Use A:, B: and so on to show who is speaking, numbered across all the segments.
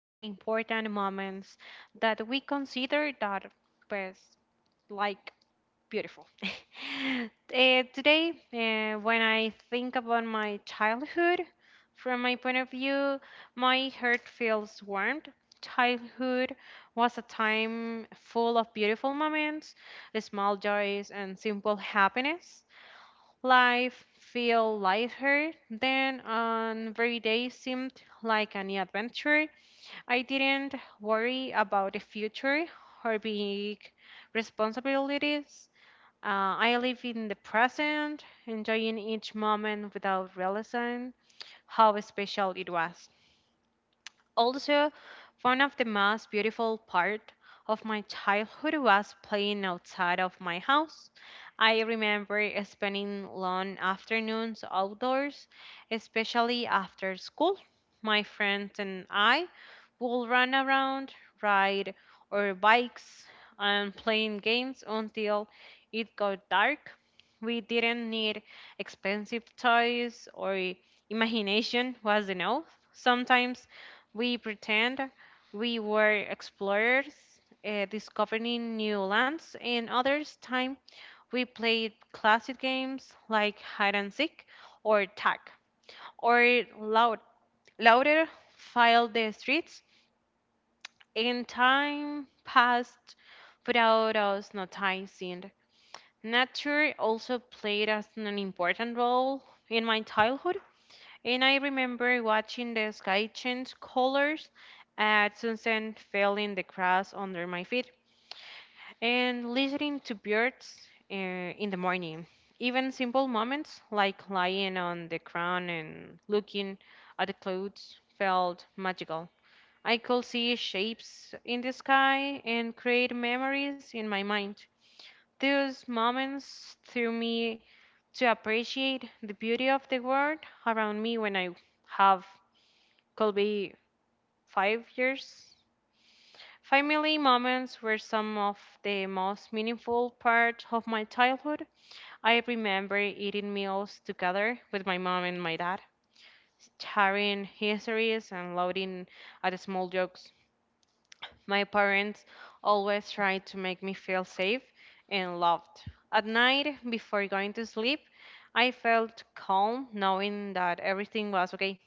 A: and important moments that we consider that was like beautiful. Today, when I think about my childhood, from my point of view, my heart feels warmed. Childhood was a time full of beautiful moments, small joys, and simple happiness. Life feel lighter then on very day seemed like a new adventure. I didn't worry about the future or big responsibilities. I live in the present, enjoying each moment without realizing how special it was. Also, one of the most beautiful part of my childhood was playing outside of my house. I remember spending long afternoons outdoors, especially after school. My friends and I would run around, ride our bikes, and playing games until it got dark. We didn't need expensive toys or imagination was enough. Sometimes we pretend we were explorers discovering new lands, and others time we played classic games like hide and seek or tag or loud louder filed the streets and time passed without us noticing. Nature also played as an important role in my childhood. And I remember watching the sky change colors at sunset, feeling the grass under my feet, and listening to birds in the morning. Even simple moments like lying on the ground and looking at the clouds felt magical. I could see shapes in the sky and create memories in my mind. Those moments threw me to appreciate the beauty of the world around me when I have could be 5 years. Family moments were some of the most meaningful part of my childhood. I remember eating meals together with my mom and my dad, sharing histories and laughing at small jokes. My parents always tried to make me feel safe and loved. At night, before going to sleep, I felt calm knowing that everything was okay.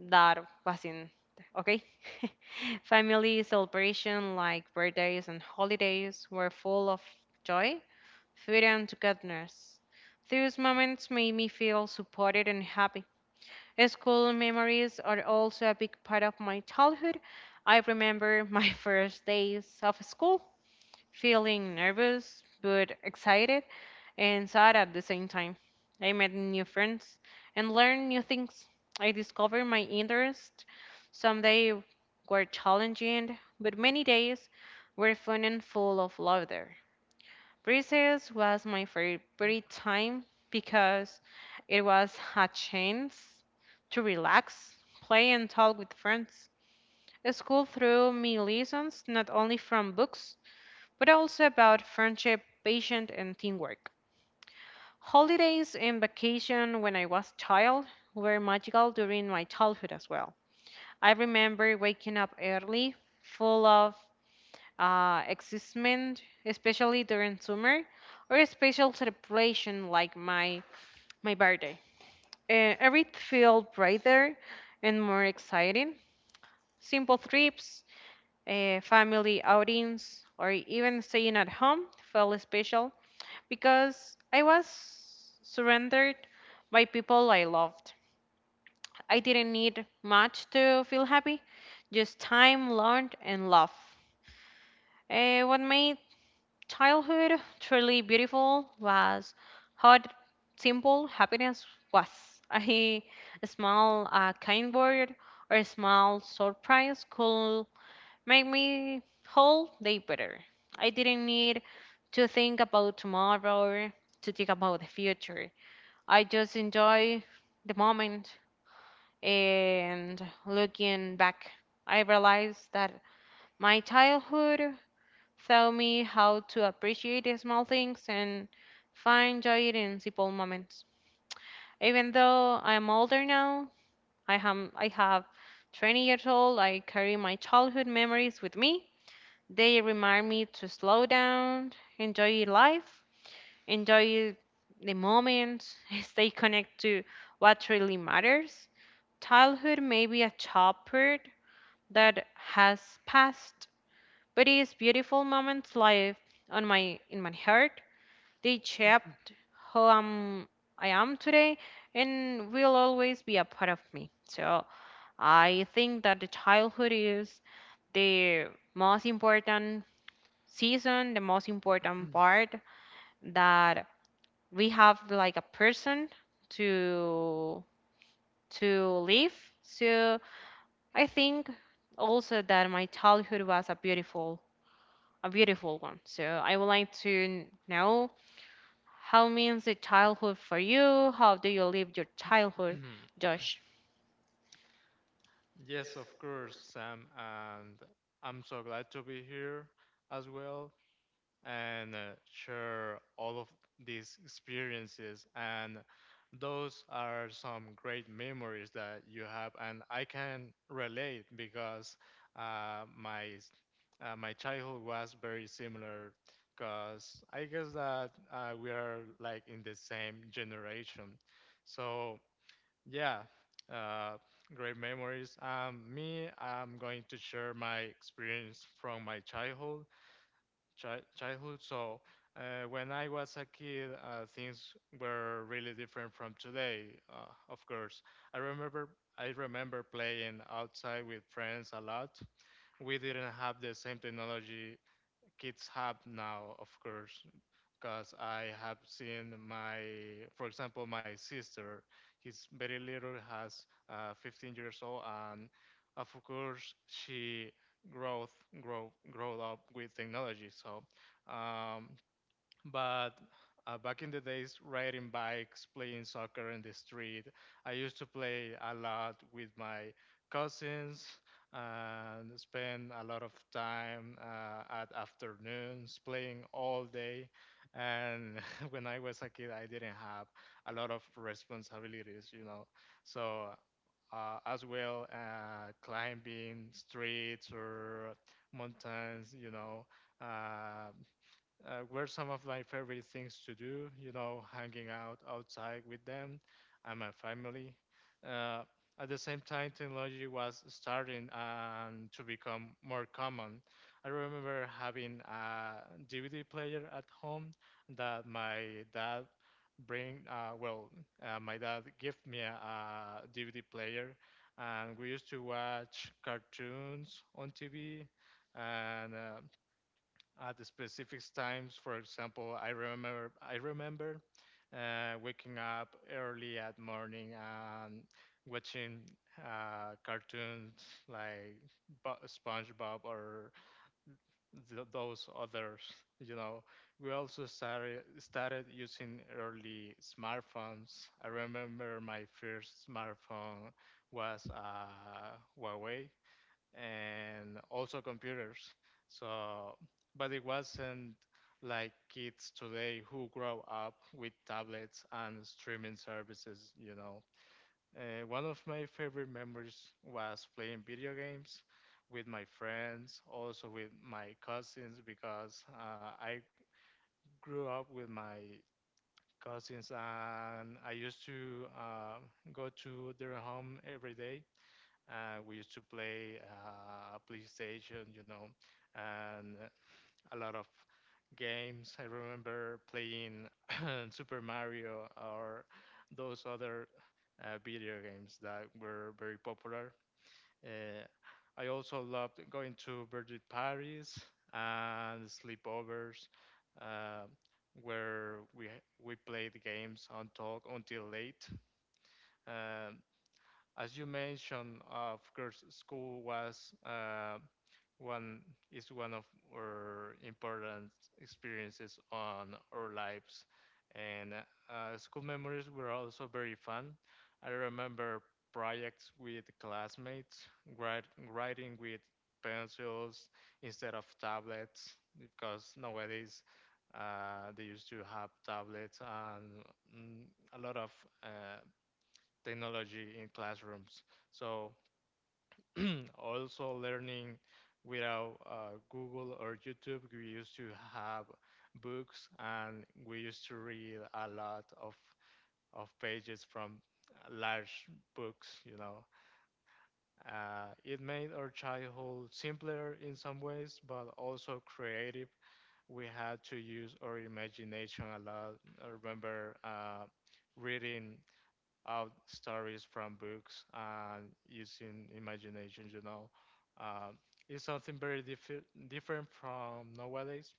A: That was in okay. Family celebration like birthdays and holidays were full of joy, food, and togetherness. These moments made me feel supported and happy. School memories are also a big part of my childhood. I remember my first days of school, feeling nervous but excited and sad at the same time. I met new friends and learned new things. I discovered my interests. Some days were challenging, but many days were fun and full of laughter. Recess was my favorite time because it was a chance to relax, play, and talk with friends. School threw me lessons not only from books, but also about friendship, patience, and teamwork. Holidays and vacation when I was child were magical during my childhood as well. I remember waking up early, full of excitement, especially during summer, or a special celebration like my birthday. Everything felt brighter and more exciting. Simple trips, family outings, or even staying at home felt special because I was surrendered by people I loved. I didn't need much to feel happy, just time, learned, and love. What made childhood truly beautiful was how simple happiness was. A small kind word or a small surprise could make me whole day better. I didn't need to think about tomorrow, to think about the future. I just enjoy the moment, and looking back, I realized that my childhood taught me how to appreciate the small things and find joy in simple moments. Even though I am older now, I have 20 years old, I carry my childhood memories with me. They remind me to slow down, enjoy life, enjoy the moments, stay connected to what really matters. Childhood may be a chapter that has passed, but these beautiful moments live on my in my heart. They shaped who I am today and will always be a part of me. So I think that the childhood is the most important season, the most important part that we have like a person to to live. So I think also that my childhood was a beautiful one. So I would like to know how means the childhood for you. How do you live your childhood, Josh?
B: Yes, of course, Sam, and I'm so glad to be here as well and share all of these experiences. And those are some great memories that you have, and I can relate because my my childhood was very similar, because I guess that we are like in the same generation. So yeah, uh, great memories. Me, I'm going to share my experience from my childhood. Childhood. So, when I was a kid, things were really different from today. Of course, I remember I remember playing outside with friends a lot. We didn't have the same technology kids have now, of course, because I have seen my, for example, my sister. He's very little, has 15 years old, and of course she growth grow up with technology. So um, but back in the days, riding bikes, playing soccer in the street, I used to play a lot with my cousins and spend a lot of time at afternoons playing all day. And when I was a kid, I didn't have a lot of responsibilities, you know. So, climbing streets or mountains, you know. uh, were some of my favorite things to do, you know, hanging out outside with them and my family. Uh, at the same time, technology was starting to become more common. I remember having a DVD player at home that my dad bring my dad gave me a dvd player, and we used to watch cartoons on tv and at the specific times. For example, I remember waking up early at morning and watching cartoons like SpongeBob or those others. You know, we also started using early smartphones. I remember my first smartphone was Huawei, and also computers. So, but it wasn't like kids today who grow up with tablets and streaming services, you know. One of my favorite memories was playing video games with my friends, also with my cousins, because I grew up with my cousins and I used to go to their home every day. We used to play PlayStation, you know, and a lot of games. I remember playing Super Mario or those other video games that were very popular. Uh, I also loved going to birthday parties and sleepovers, uh, where we played games on talk until late. Um, as you mentioned, of course, school was one one of our important experiences on our lives, and school memories were also very fun. I remember projects with classmates, write, writing with pencils instead of tablets, because nowadays they used to have tablets and mm, a lot of uh, technology in classrooms. So also learning without Google or YouTube. We used to have books and we used to read a lot of pages from large books. You know, it made our childhood simpler in some ways, but also creative. We had to use our imagination a lot. I remember reading out stories from books and using imagination, you know. Uh, it's something very different from nowadays.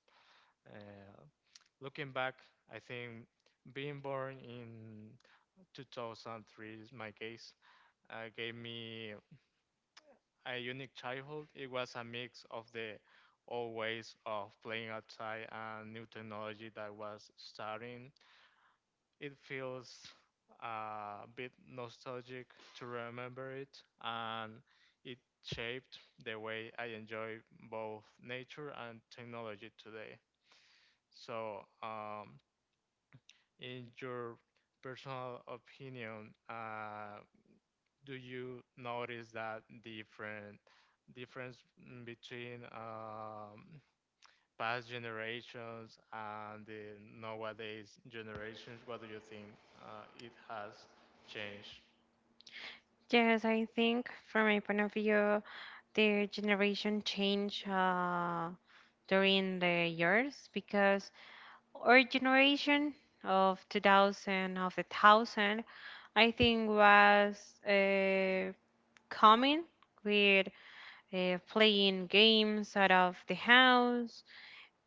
B: Uh, Looking back, I think being born in 2003 is my case gave me a unique childhood. It was a mix of the old ways of playing outside and new technology that was starting. It feels a bit nostalgic to remember it, and it shaped the way I enjoy both nature and technology today. So, in your personal opinion, do you notice that different difference between past generations and the nowadays generations? What do you think it has changed?
A: Yes, I think from my point of view, the generation change during the years because our generation of 2000 of the thousand, I think was uh, coming with playing games out of the house,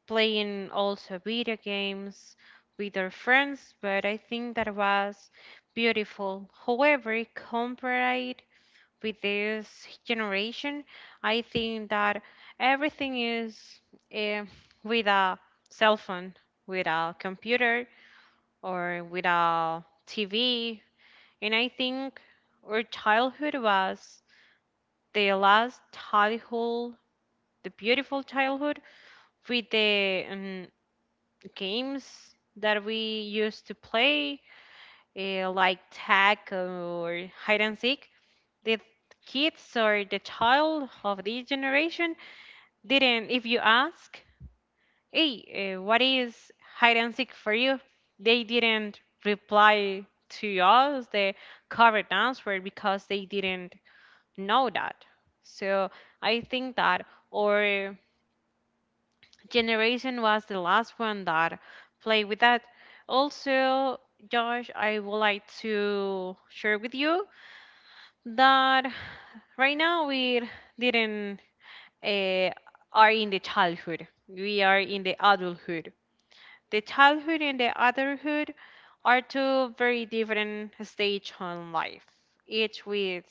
A: playing also video games with our friends, but I think that was beautiful. However, compared with this generation, I think that everything is uh, with a cell phone, with a computer, or with a TV. And I think our childhood was the last childhood, the beautiful childhood with the games that we used to play, like tag or hide and seek. The kids or the child of this generation didn't, if you ask, hey, what is hide and seek for you? They didn't reply to us the correct answer because they didn't know that. So I think that, or generation was the last one that played with that. Also, Josh, I would like to share with you that right now we didn't uh, are in the childhood. We are in the adulthood. The childhood and the adulthood are two very different stage on life, each with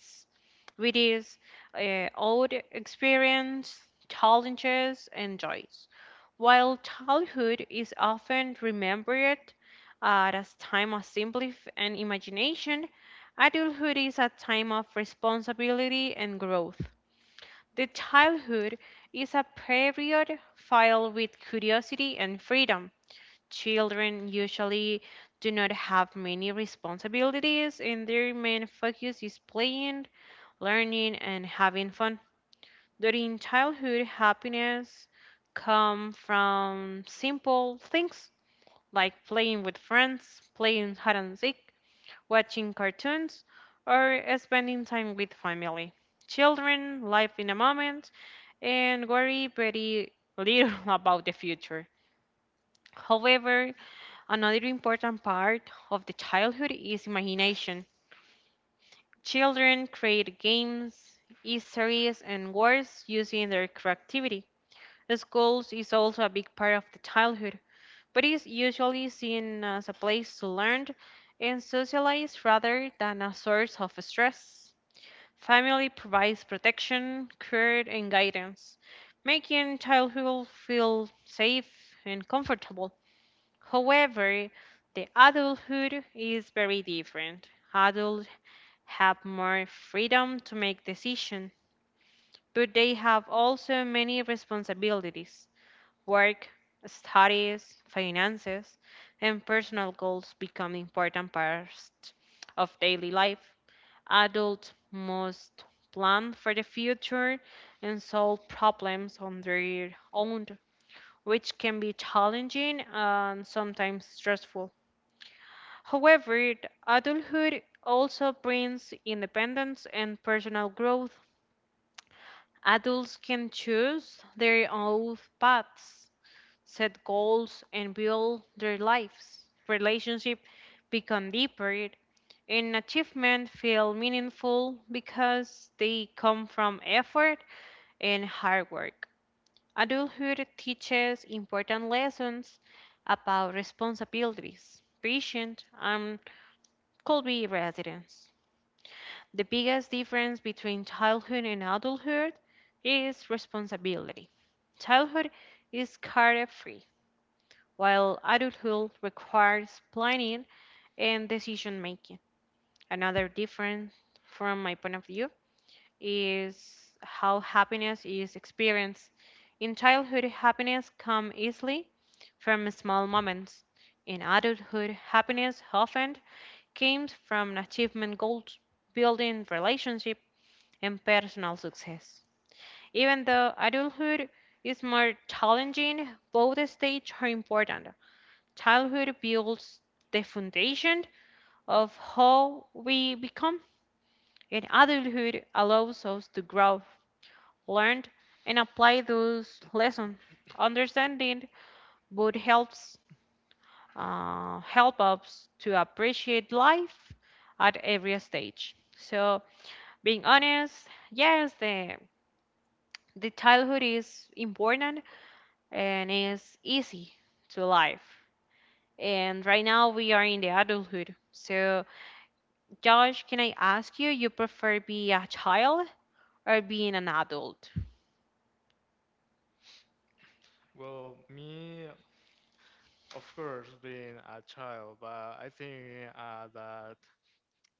A: with its own experience, challenges, and joys. While childhood is often remembered as time of simply and imagination, adulthood is a time of responsibility and growth. The childhood is a period filled with curiosity and freedom. Children usually do not have many responsibilities, and their main focus is playing, learning, and having fun. During childhood, happiness come from simple things like playing with friends, playing hide and seek, watching cartoons, or spending time with family. Children live in a moment and worry very little about the future. However, another important part of the childhood is imagination. Children create games, histories, and words using their creativity. Schools is also a big part of the childhood, but is usually seen as a place to learn and socialize rather than a source of stress. Family provides protection, care, and guidance, making childhood feel safe and comfortable. However, the adulthood is very different. Adults have more freedom to make decisions, but they have also many responsibilities. Work, studies, finances, and personal goals become important parts of daily life. Adults must plan for the future and solve problems on their own, which can be challenging and sometimes stressful. However, adulthood also brings independence and personal growth. Adults can choose their own paths, set goals, and build their lives. Relationships become deeper, and achievements feel meaningful because they come from effort and hard work. Adulthood teaches important lessons about responsibilities, patience, and could be residence. The biggest difference between childhood and adulthood is responsibility. Childhood is carefree, while adulthood requires planning and decision making. Another difference from my point of view is how happiness is experienced. In childhood, happiness comes easily from small moments. In adulthood, happiness often comes from achievement goals, building relationships and personal success. Even though adulthood is more challenging, both stages are important. Childhood builds the foundation of how we become, and adulthood allows us to grow, learn, and apply those lessons. Understanding both helps help us to appreciate life at every stage. So being honest, yes, the childhood is important, and it's easy to life. And right now we are in the adulthood. So, Josh, can I ask you, you prefer be a child or being an adult?
B: Well, me, of course, being a child, but I think that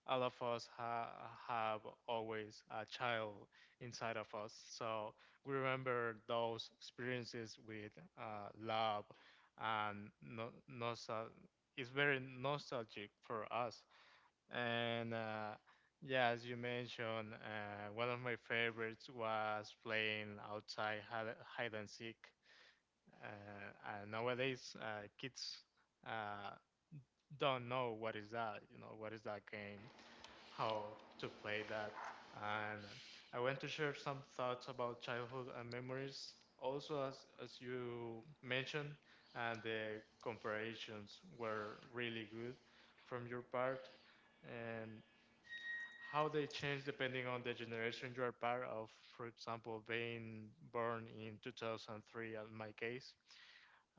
B: all of us have always a child inside of us. So we remember those experiences with love and it's very nostalgic for us. And yeah, as you mentioned, one of my favorites was playing outside hide, hide and seek. And nowadays, kids uh, don't know what is that, you know, what is that game, how to play that. And I want to share some thoughts about childhood and memories. Also, as you mentioned, and the comparisons were really good from your part, and how they change depending on the generation you are part of. For example, being born in 2003, in my case.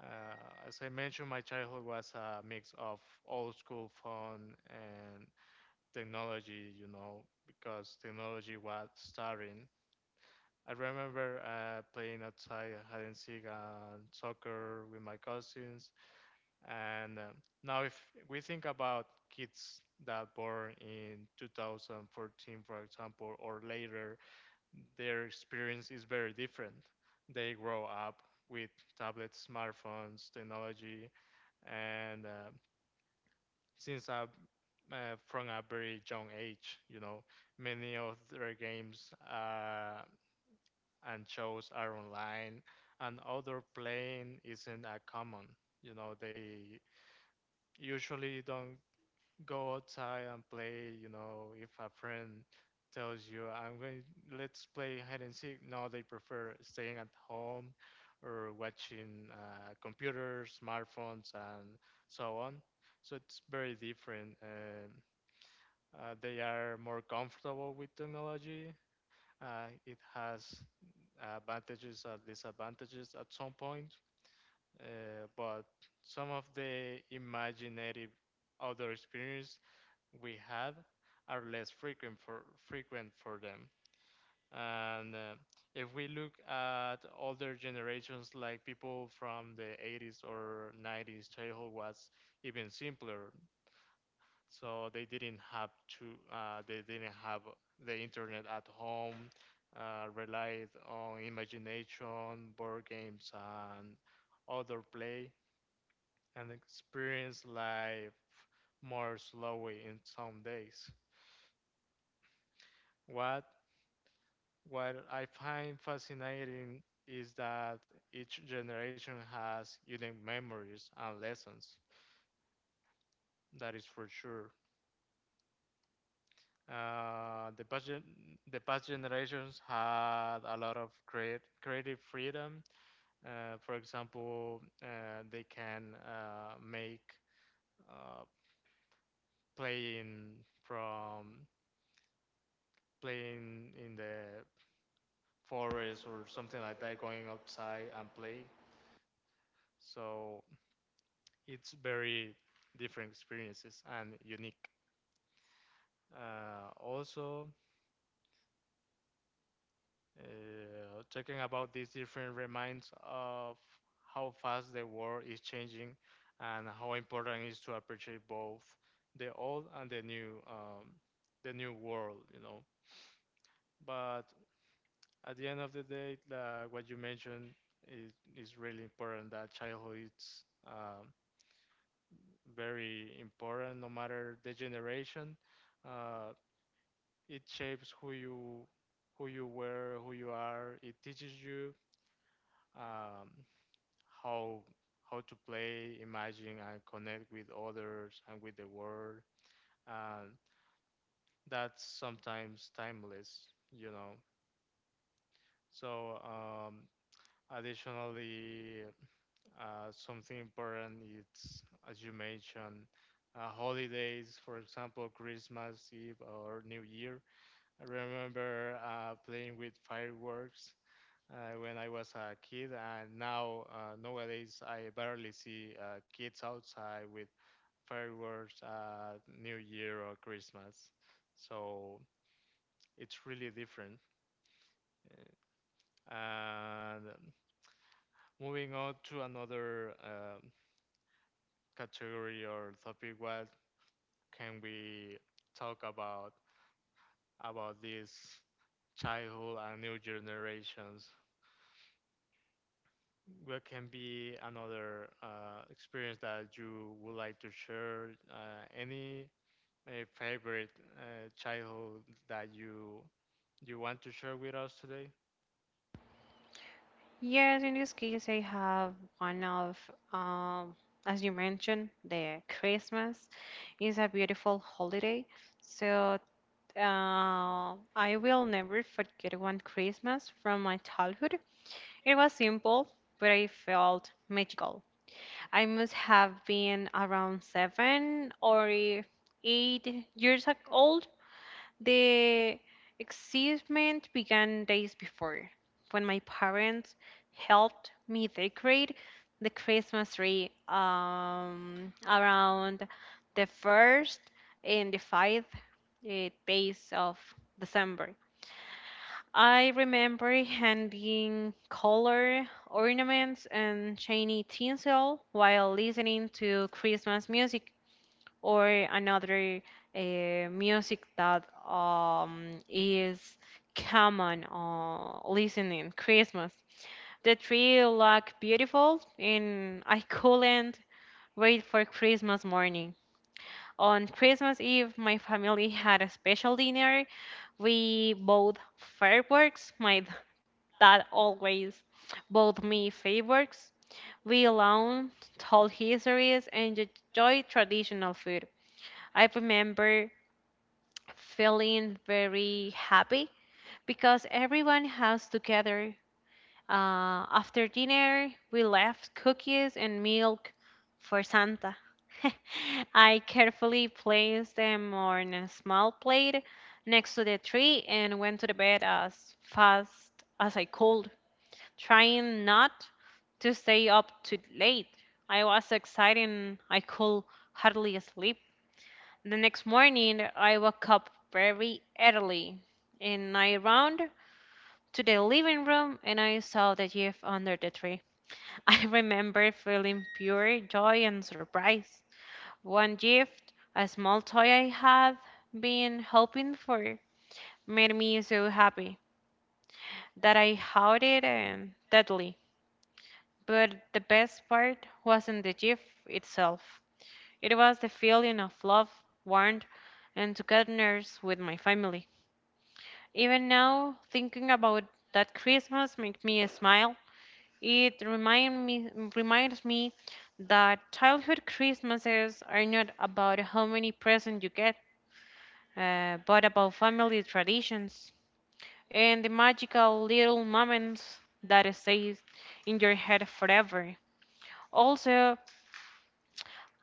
B: As I mentioned, my childhood was a mix of old school phone and technology, you know, because technology was starting. I remember playing outside hide and seek and soccer with my cousins. And now, if we think about kids that born in 2014, for example, or later, their experience is very different. They grow up with tablets, smartphones, technology, and since I from a very young age, you know, many of their games and shows are online, and outdoor playing isn't common. You know, they usually don't go outside and play, you know. If a friend tells you, I'm going, let's play hide and seek. No, they prefer staying at home or watching computers, smartphones, and so on. So it's very different. They are more comfortable with technology. It has advantages and disadvantages at some point, but some of the imaginative outdoor experience we have are less frequent for frequent for them. And if we look at older generations, like people from the 80s or 90s, childhood was even simpler. So they didn't have to, they didn't have the internet at home, relied on imagination, board games, and other play, and experience life more slowly in some days. What What I find fascinating is that each generation has unique memories and lessons. That is for sure. Uh, the past gen- the past generations had a lot of create creative freedom. For example, they can make uh, playing from playing in the forest or something like that, going outside and play. So it's very different experiences and unique. Also, talking about these different reminds of how fast the world is changing and how important it is to appreciate both the old and the new world, you know. But at the end of the day, what you mentioned is really important, that childhood is very important no matter the generation. Uh, it shapes who you were, who you are. It teaches you um, how how to play, imagine, and connect with others and with the world. And that's sometimes timeless, you know. So additionally, something important is, as you mentioned, holidays, for example, Christmas Eve or New Year. I remember playing with fireworks when I was a kid, and now nowadays I barely see kids outside with fireworks, New Year or Christmas. So it's really different. And Moving on to another category or topic, what can we talk about this childhood and new generations? What can be another experience that you would like to share? Any favorite childhood that you want to share with us today?
A: Yes, in this case, I have one of, um, as you mentioned, the Christmas is a beautiful holiday. So, I will never forget one Christmas from my childhood. It was simple, but I felt magical. I must have been around seven or 8 years old. The excitement began days before when my parents helped me decorate the Christmas tree around the first and the fifth days of December. I remember handing color ornaments and shiny tinsel while listening to Christmas music or another music that is common listening Christmas. The tree looked beautiful, and I couldn't wait for Christmas morning. On Christmas Eve, my family had a special dinner. We bought fireworks. My that always both me favors. We alone told histories and enjoy traditional food. I remember feeling very happy because everyone has together. After dinner, we left cookies and milk for Santa. I carefully placed them on a small plate next to the tree and went to the bed as fast as I could, trying not to stay up too late. I was excited, and I could hardly sleep. The next morning, I woke up very early, and I ran to the living room and I saw the gift under the tree. I remember feeling pure joy and surprise. One gift, a small toy I had been hoping for, made me so happy that I held it and deadly. But the best part wasn't the gift itself. It was the feeling of love, warmth, and togetherness with my family. Even now, thinking about that Christmas makes me smile. It reminds me that childhood Christmases are not about how many presents you get, but about family traditions and the magical little moments that stays in your head forever. Also,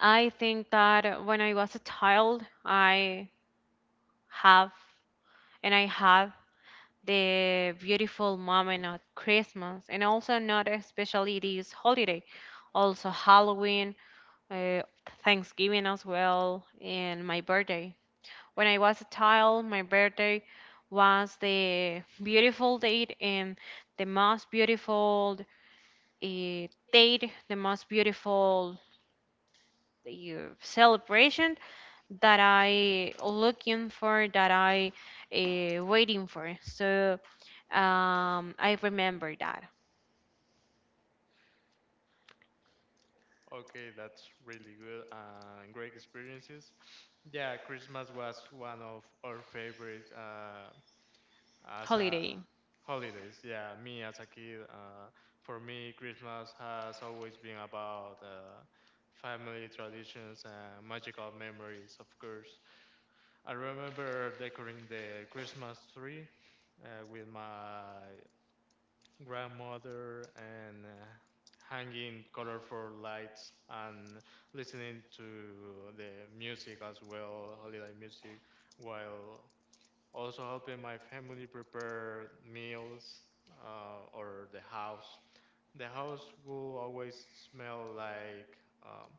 A: I think that when I was a child, I have and I have the beautiful moment of Christmas and also not especially this holiday, also Halloween, uh, Thanksgiving as well, and my birthday. When I was a child, my birthday was the beautiful date and the most beautiful uh, date, the most beautiful uh, celebration that I looking for, that I waiting for. So I remember that
B: Okay, that's really good and great experiences. Yeah, Christmas was one of our favorite as a
A: holiday.
B: holidays. Yeah, me as a kid, for me, Christmas has always been about family traditions and magical memories, of course. I remember decorating the Christmas tree with my grandmother and hanging colorful lights and listening to the music as well, holiday music, while also helping my family prepare meals or the house. The house will always smell like um,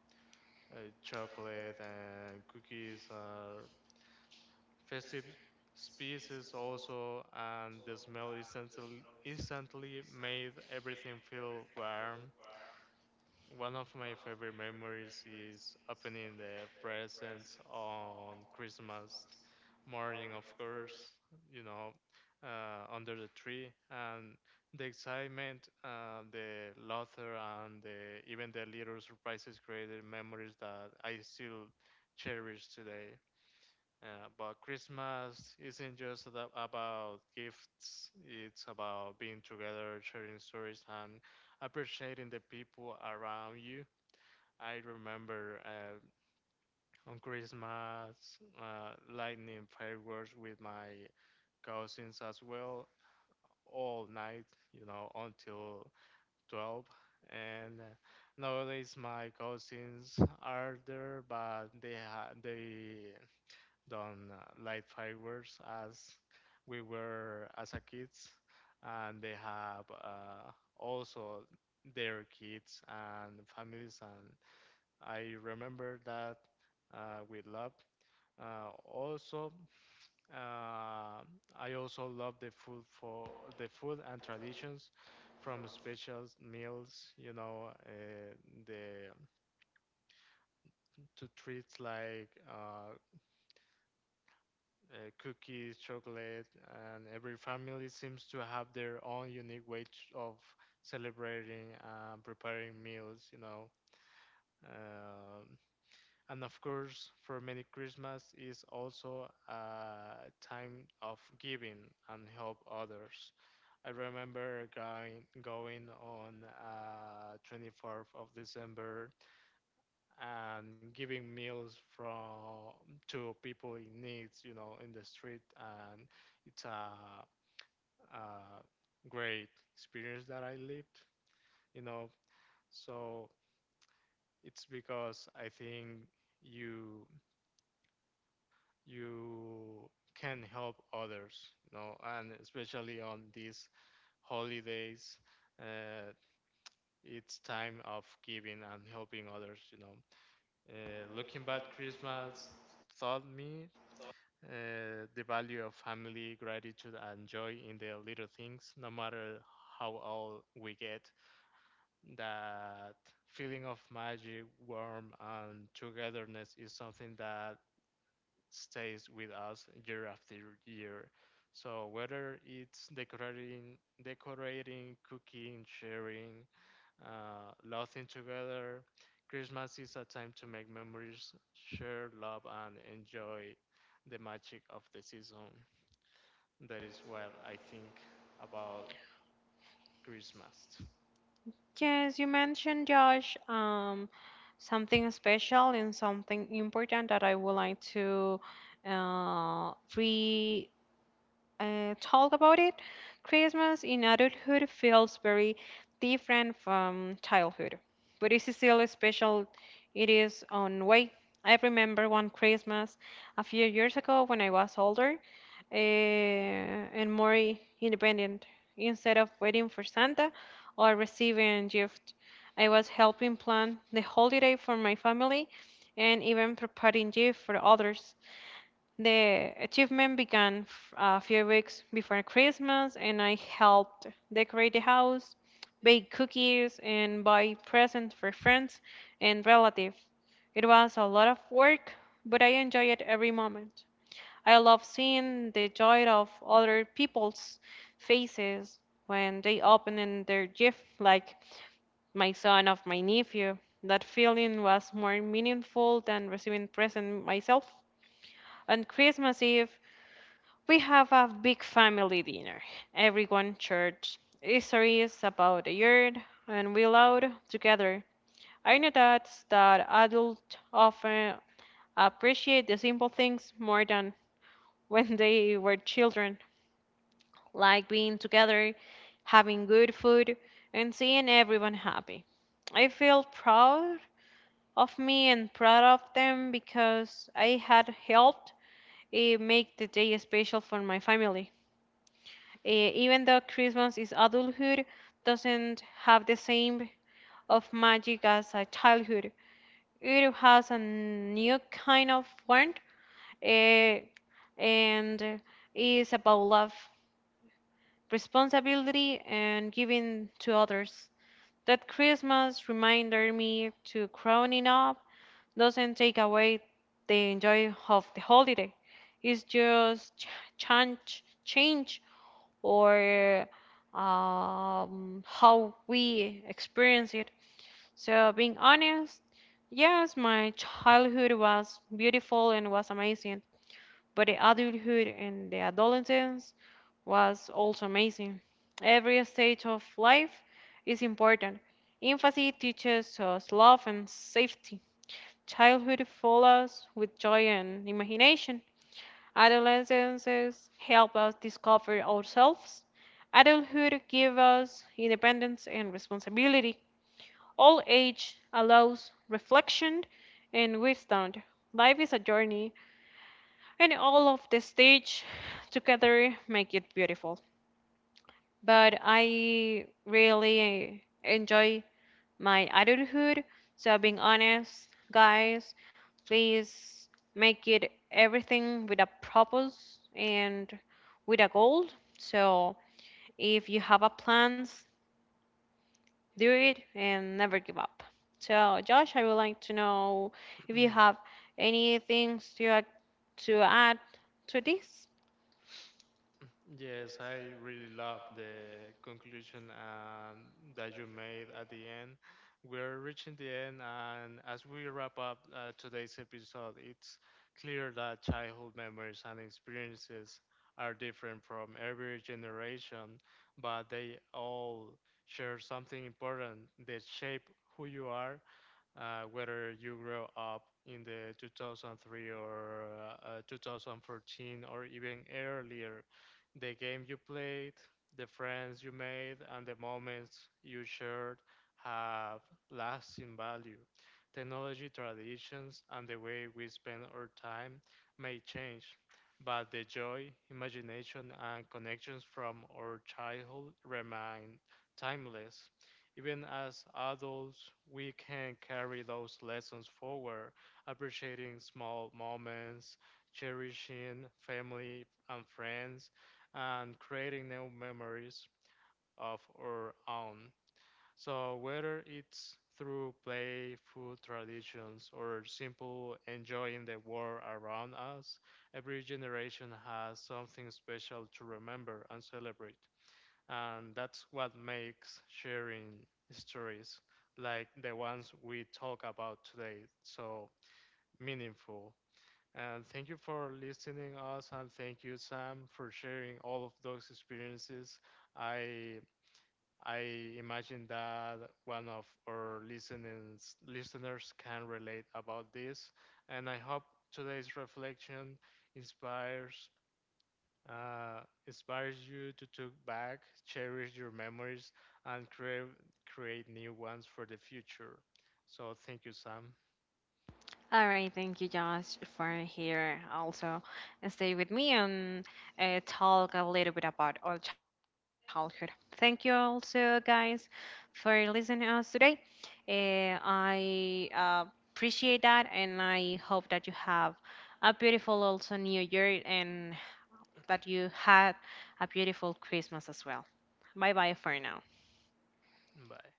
B: chocolate and cookies, festive species also, and the smell instantly made everything feel warm. One of my favorite memories is opening the presents on Christmas morning, of course, you know, under the tree, and the excitement, the laughter, and the even the little surprises created memories that I still cherish today. But Christmas isn't just about gifts, it's about being together, sharing stories, and appreciating the people around you. I remember on Christmas, lightning fireworks with my cousins as well, all night, you know, until 12. And nowadays, my cousins are there, but they ha they don't uh light fireworks as we were as a kids, and they have also their kids and families, and I remember that we loved. Uh, also, uh, I also love the food, for the food and traditions from special meals, you know, the to treats like cookies, chocolate, and every family seems to have their own unique way of celebrating and preparing meals, you know. Um And of course, for many, Christmas is also a time of giving and help others. I remember going on 24th of December and giving meals from to people in needs, you know, in the street, and it's a great experience that I lived, you know. So it's because I think you you can help others, you know, and especially on these holidays, uh, it's time of giving and helping others, you know. Looking back, Christmas taught me the value of family, gratitude, and joy in the little things, no matter how old we get. That feeling of magic, warmth, and togetherness is something that stays with us year after year. So whether it's decorating, cooking, sharing, laughing together, Christmas is a time to make memories, share love, and enjoy the magic of the season. That is what I think about Christmas.
A: Yes, you mentioned Josh. Something special and something important that I would like to re talk about it. Christmas in adulthood feels very different from childhood, but it is still special. It is on way. I remember one Christmas a few years ago when I was older uh, and more independent. Instead of waiting for Santa or receiving gifts, I was helping plan the holiday for my family and even preparing gifts for others. The achievement began a few weeks before Christmas, and I helped decorate the house, bake cookies, and buy presents for friends and relatives. It was a lot of work, but I enjoyed every moment. I love seeing the joy of other people's faces when they opened their gift, like my son or my nephew. That feeling was more meaningful than receiving present myself. On Christmas Eve, we have a big family dinner. Everyone shares stories about the earth and we laugh together. I know that adults often appreciate the simple things more than when they were children, like being together, having good food, and seeing everyone happy. I feel proud of me and proud of them because I had helped make the day special for my family. Even though Christmas is adulthood, doesn't have the same of magic as a childhood. It has a new kind of warmth, eh, and is about love, responsibility, and giving to others. That Christmas reminded me to growing up doesn't take away the enjoy of the holiday. It's just change or how we experience it. So, being honest, yes, my childhood was beautiful and was amazing, but the adulthood and the adolescence was also amazing. Every stage of life is important. Infancy teaches us love and safety. Childhood follows with joy and imagination. Adolescences help us discover ourselves. Adulthood gives us independence and responsibility. Old age allows reflection and wisdom. Life is a journey, and all of the stage together make it beautiful. But I really enjoy my adulthood. So, being honest, guys, please make it everything with a purpose and with a goal. So, if you have a plans, do it and never give up. So, Josh, I would like to know if you have any things to add to this.
B: Yes, I really love the conclusion that you made at the end. We're reaching the end, and as we wrap up today's episode, it's clear that childhood memories and experiences are different from every generation, but they all share something important. They shape who you are, whether you grow up in the 2003 or 2014 or even earlier, the game you played, the friends you made, and the moments you shared have lasting value. Technology, traditions, and the way we spend our time may change, but the joy, imagination, and connections from our childhood remain timeless. Even as adults, we can carry those lessons forward, appreciating small moments, cherishing family and friends, and creating new memories of our own. So, whether it's through play, food traditions, or simple enjoying the world around us, every generation has something special to remember and celebrate, and that's what makes sharing stories like the ones we talk about today so meaningful. And thank you for listening us, and thank you, Sam, for sharing all of those experiences. I I imagine that one of our listeners can relate about this, and I hope today's reflection inspires uh, you to take back, cherish your memories, and create new ones for the future. So thank you, Sam.
A: All right, thank you, Josh, for here also and stay with me and talk a little bit about our childhood. Thank you also, guys, for listening to us today. I appreciate that, and I hope that you have a beautiful also New Year and that you had a beautiful Christmas as well. Bye bye for now.
B: Bye.